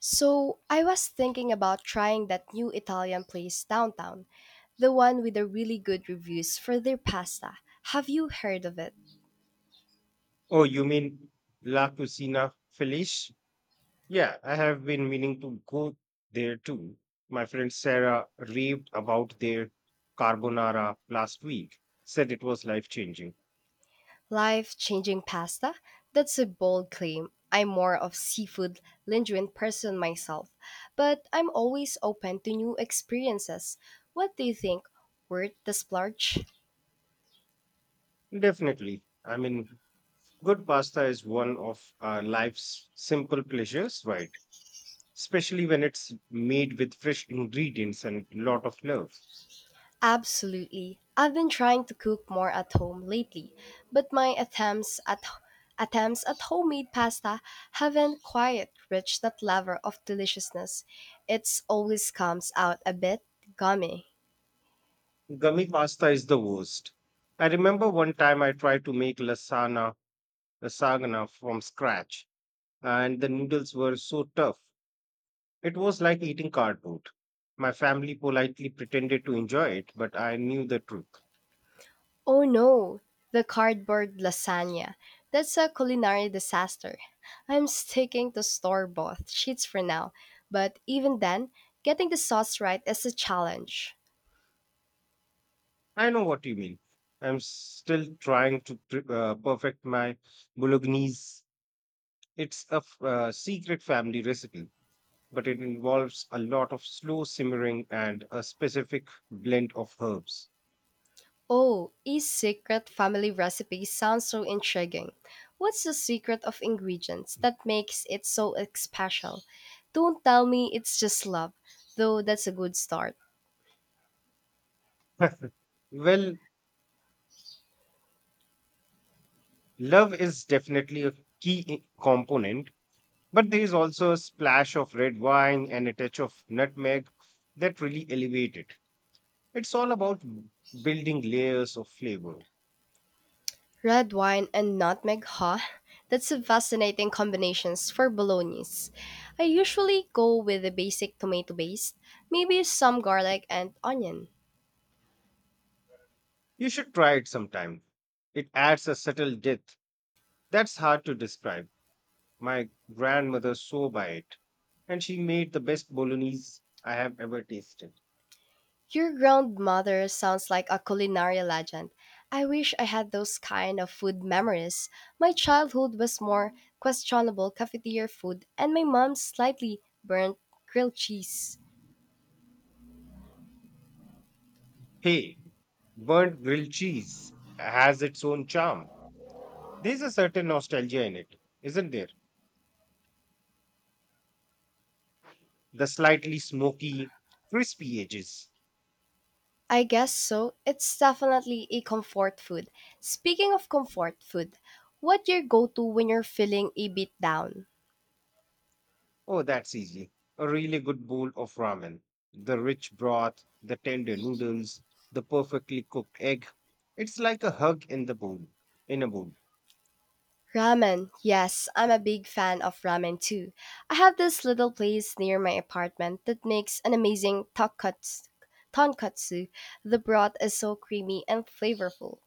So, I was thinking about trying that new Italian place downtown, the one with the really good reviews for their pasta. Have you heard of it? Oh, you mean La Cucina Felice? Yeah, I have been meaning to go there too. My friend Sarah raved about their carbonara last week, said it was life changing. Life changing pasta? That's a bold claim. I'm more of seafood lingering person myself, but I'm always open to new experiences. What do you think? Worth the splurge? Definitely. I mean, good pasta is one of life's simple pleasures, right? Especially when it's made with fresh ingredients and lot of love. Absolutely. I've been trying to cook more at home lately, but my attempts at homemade pasta haven't quite reached that level of deliciousness. It's always comes out a bit gummy. Gummy pasta is the worst. I remember one time I tried to make lasagna from scratch and the noodles were so tough. It was like eating cardboard. My family politely pretended to enjoy it, but I knew the truth. Oh no, the cardboard lasagna. That's a culinary disaster. I'm sticking to store-bought sheets for now, but even then, getting the sauce right is a challenge. I know what you mean. I'm still trying to perfect my bolognese. It's a secret family recipe, but it involves a lot of slow simmering and a specific blend of herbs. Oh, a secret family recipe sounds so intriguing. What's the secret of ingredients that makes it so special? Don't tell me it's just love, though that's a good start. Well, love is definitely a component, but there is also a splash of red wine and a touch of nutmeg that really elevate it. It's all about building layers of flavor. Red wine and nutmeg, huh? That's a fascinating combinations for bolognese. I usually go with the basic tomato base, maybe some garlic and onion. You should try it sometime. It adds a subtle depth that's hard to describe. My grandmother swore by it, and she made the best bolognese I have ever tasted. Your grandmother sounds like a culinary legend. I wish I had those kind of food memories. My childhood was more questionable cafeteria food and my mom's slightly burnt grilled cheese. Hey, burnt grilled cheese has its own charm. There's a certain nostalgia in it, isn't there? The slightly smoky, crispy edges. I guess so. It's definitely a comfort food. Speaking of comfort food, what your go-to when you're feeling a bit down? Oh, that's easy. A really good bowl of ramen. The rich broth, the tender noodles, the perfectly cooked egg. It's like a hug in the bowl. In a bowl. Ramen. Yes, I'm a big fan of ramen too. I have this little place near my apartment that makes an amazing tonkatsu. The broth is so creamy and flavorful.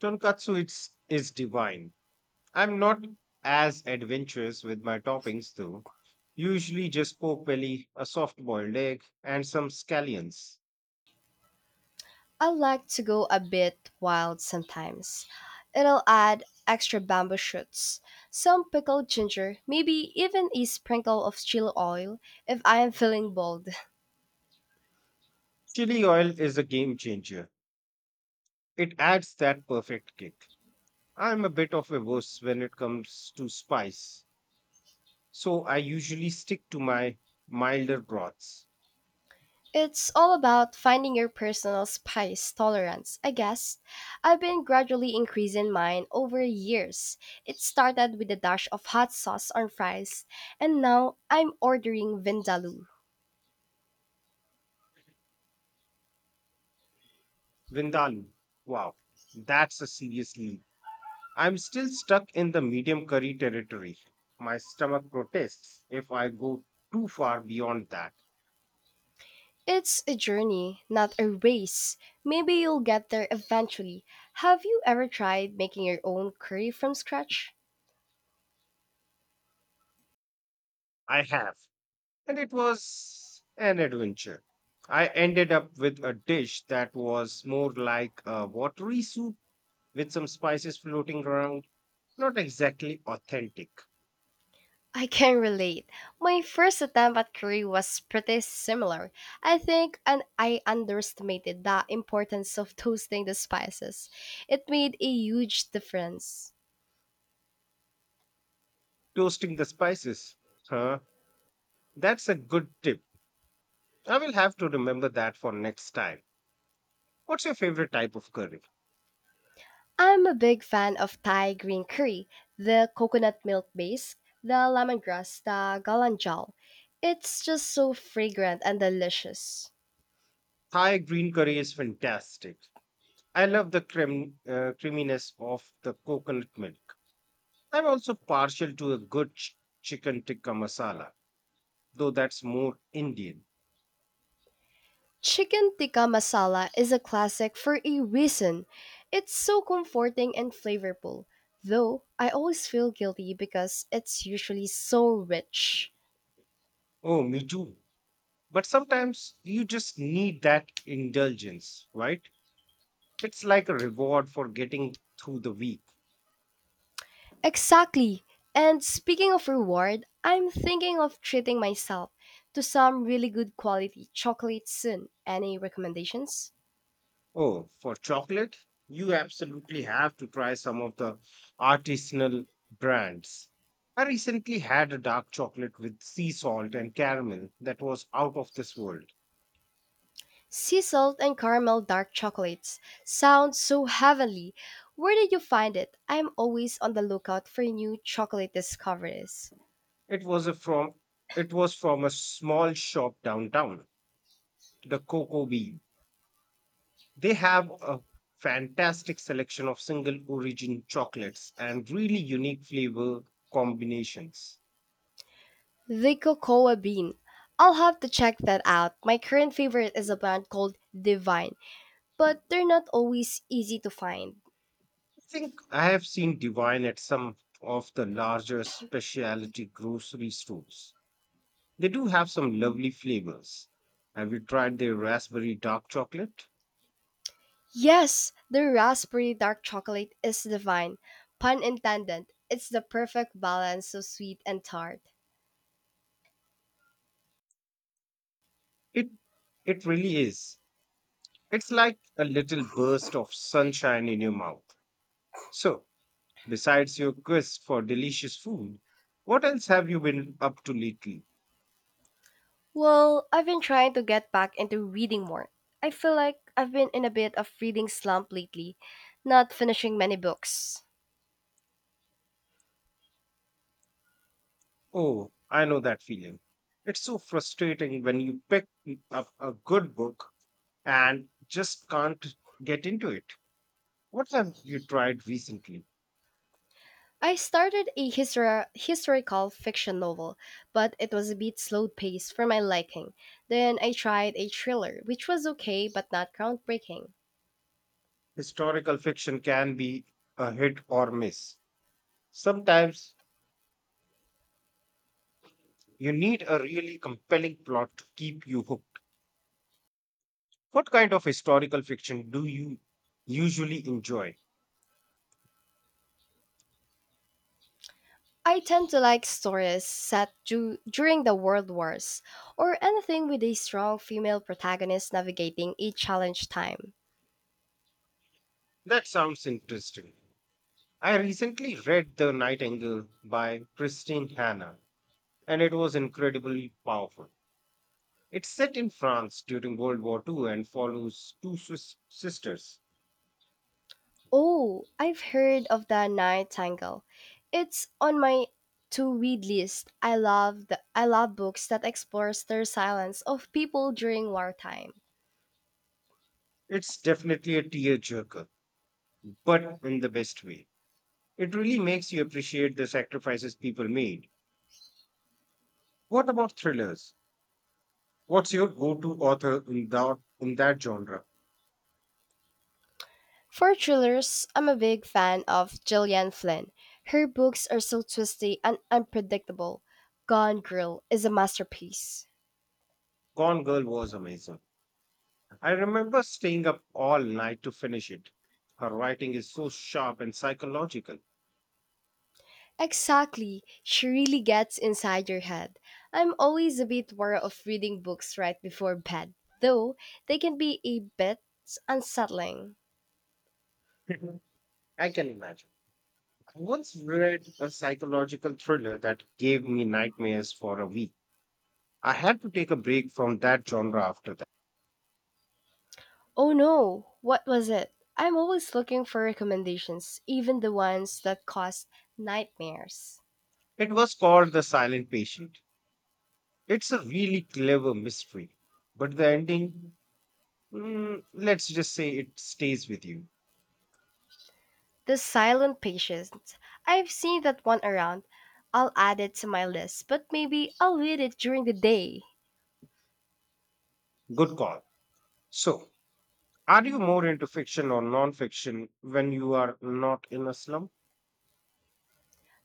Tonkatsu is divine. I'm not as adventurous with my toppings though. Usually just pork belly, a soft boiled egg, and some scallions. I like to go a bit wild sometimes. It'll add extra bamboo shoots, some pickled ginger, maybe even a sprinkle of chili oil if I am feeling bold. Chili oil is a game changer. It adds that perfect kick. I'm a bit of a wuss when it comes to spice, so I usually stick to my milder broths. It's all about finding your personal spice tolerance, I guess. I've been gradually increasing mine over years. It started with a dash of hot sauce on fries, and now I'm ordering Vindaloo. Vindaloo. Wow, that's a serious leap. I'm still stuck in the medium curry territory. My stomach protests if I go too far beyond that. It's a journey, not a race. Maybe you'll get there eventually. Have you ever tried making your own curry from scratch? I have. And it was an adventure. I ended up with a dish that was more like a watery soup with some spices floating around. Not exactly authentic. I can relate. My first attempt at Korea was pretty similar. I think and I underestimated the importance of toasting the spices. It made a huge difference. Toasting the spices. Huh? That's a good tip. I will have to remember that for next time. What's your favorite type of curry? I'm a big fan of Thai green curry, the coconut milk base, the lemongrass, the galangal. It's just so fragrant and delicious. Thai green curry is fantastic. I love the creaminess of the coconut milk. I'm also partial to a good chicken tikka masala, though that's more Indian. Chicken tikka masala is a classic for a reason. It's so comforting and flavorful, though I always feel guilty because it's usually so rich. Oh, me too. But sometimes you just need that indulgence, right? It's like a reward for getting through the week. Exactly! And speaking of reward, I'm thinking of treating myself to some really good quality chocolate soon. Any recommendations? Oh, for chocolate, you absolutely have to try some of the artisanal brands. I recently had a dark chocolate with sea salt and caramel that was out of this world. Sea salt and caramel dark chocolates sound so heavenly. Where did you find it? I'm always on the lookout for new chocolate discoveries. It was from a small shop downtown, the Cocoa Bee. They have a fantastic selection of single origin chocolates and really unique flavor combinations. The Cocoa Bean. I'll have to check that out. My current favorite is a brand called Divine, but they're not always easy to find. Think I have seen Divine at some of the larger specialty grocery stores. They do have some lovely flavors. Have you tried their raspberry dark chocolate? Yes, the raspberry dark chocolate is divine. Pun intended, it's the perfect balance of sweet and tart. It it really is. It's like a little burst of sunshine in your mouth. So, besides your quest for delicious food, what else have you been up to lately? Well, I've been trying to get back into reading more. I feel like I've been in a bit of reading slump lately, not finishing many books. Oh, I know that feeling. It's so frustrating when you pick up a good book and just can't get into it. What have you tried recently? I started a historical fiction novel, but it was a bit slow paced for my liking. Then I tried a thriller, which was okay but not groundbreaking. Historical fiction can be a hit or miss. Sometimes you need a really compelling plot to keep you hooked. What kind of historical fiction do you usually enjoy? I tend to like stories set during the World Wars, or anything with a strong female protagonist navigating a challenge time. That sounds interesting. I recently read The Nightingale by Christine Hanna, and it was incredibly powerful. It's set in France during World War II and follows two sisters. Oh, I've heard of the Nightingale. It's on my to read list. I love books that explores their silence of people during wartime. It's definitely a tearjerker, but in the best way. It really makes you appreciate the sacrifices people made. What about thrillers? What's your go-to author in that genre? For thrillers, I'm a big fan of Gillian Flynn. Her books are so twisty and unpredictable. Gone Girl is a masterpiece. Gone Girl was amazing. I remember staying up all night to finish it. Her writing is so sharp and psychological. Exactly, she really gets inside your head. I'm always a bit wary of reading books right before bed, though they can be a bit unsettling. Mhm. I can imagine. I once read a psychological thriller that gave me nightmares for a week. I had to take a break from that genre after that. Oh no, what was it? I'm always looking for recommendations, even the ones that cause nightmares. It was called The Silent Patient. It's a really clever mystery, but the let's just say it stays with you. The silent patient. I've seen that one around. I'll add it to my list, but maybe I'll read it during the day. Good call. So, are you more into fiction or non-fiction when you are not in a slum?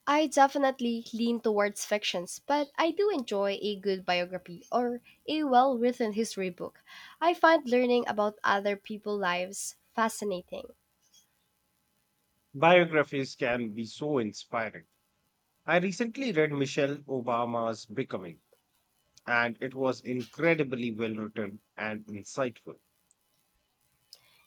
I definitely lean towards fictions, but I do enjoy a good biography or a well written history book. I find learning about other people's lives fascinating. Biographies can be so inspiring. I recently read Michelle Obama's Becoming, and it was incredibly well written and insightful.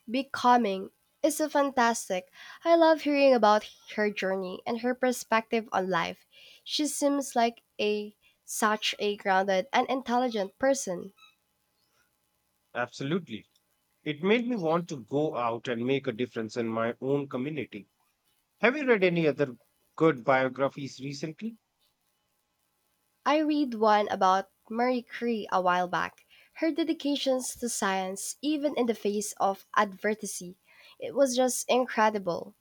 Becoming is so fantastic. I love hearing about her journey and her perspective on life. She seems like a such a grounded and intelligent person. Absolutely. It made me want to go out and make a difference in my own community. Have you read any other good biographies recently? I read one about Marie Curie a while back. Her dedications to science, even in the face of adversity, it was just incredible.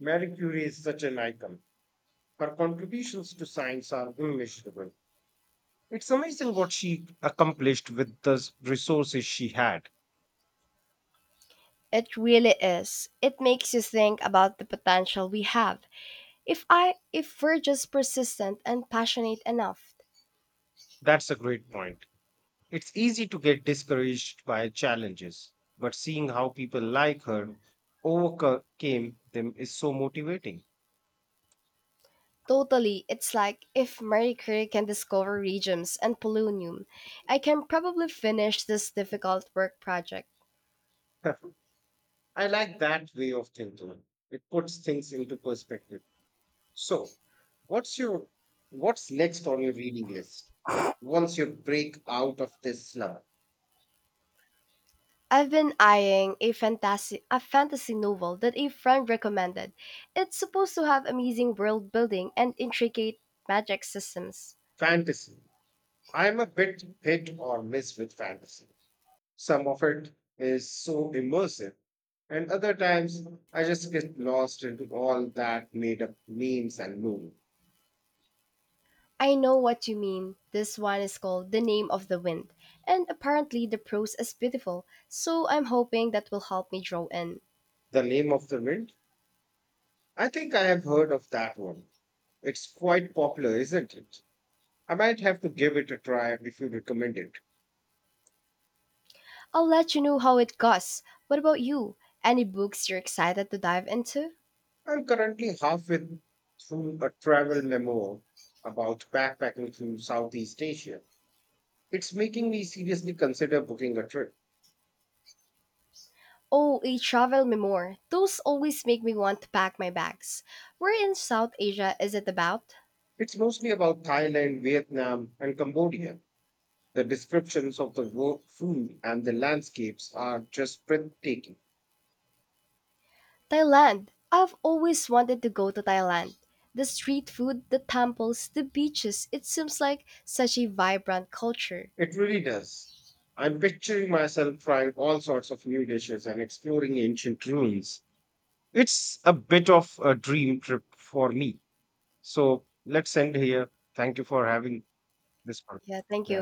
Marie Curie is such an icon. Her contributions to science are immeasurable. It's amazing what she accomplished with the resources she had. It really is. It makes you think about the potential we have. If we're just persistent and passionate enough. That's a great point. It's easy to get discouraged by challenges, but seeing how people like her overcame them is so motivating. Totally, it's like if Marie Curie can discover regiums and polonium, I can probably finish this difficult work project. I like that way of thinking. It puts things into perspective. So, what's your what's next on your reading list once you break out of this slump? I've been eyeing a fantasy novel that a friend recommended. It's supposed to have amazing world building and intricate magic systems. Fantasy. I'm a bit hit or miss with fantasy. Some of it is so immersive, and other times I just get lost into all that made up memes and moon. I know what you mean. This one is called The Name of the Wind, and apparently the prose is beautiful, so I'm hoping that will help me draw in. The name of the wind? I think I have heard of that one. It's quite popular, isn't it? I might have to give it a try if you recommend it. I'll let you know how it goes. What about you? Any books you're excited to dive into? I'm currently halfway through a travel memo about backpacking through Southeast Asia. It's making me seriously consider booking a trip. Oh, a travel memoir. Those always make me want to pack my bags. Where in South Asia is it about? It's mostly about Thailand, Vietnam, and Cambodia. The descriptions of the food and the landscapes are just breathtaking. Thailand. I've always wanted to go to Thailand. The street food, the temples, the beaches. It seems like such a vibrant culture. It really does. I'm picturing myself trying all sorts of new dishes and exploring ancient ruins. It's a bit of a dream trip for me. So let's end here. Thank you for having. This one. Yeah, thank Yeah. you.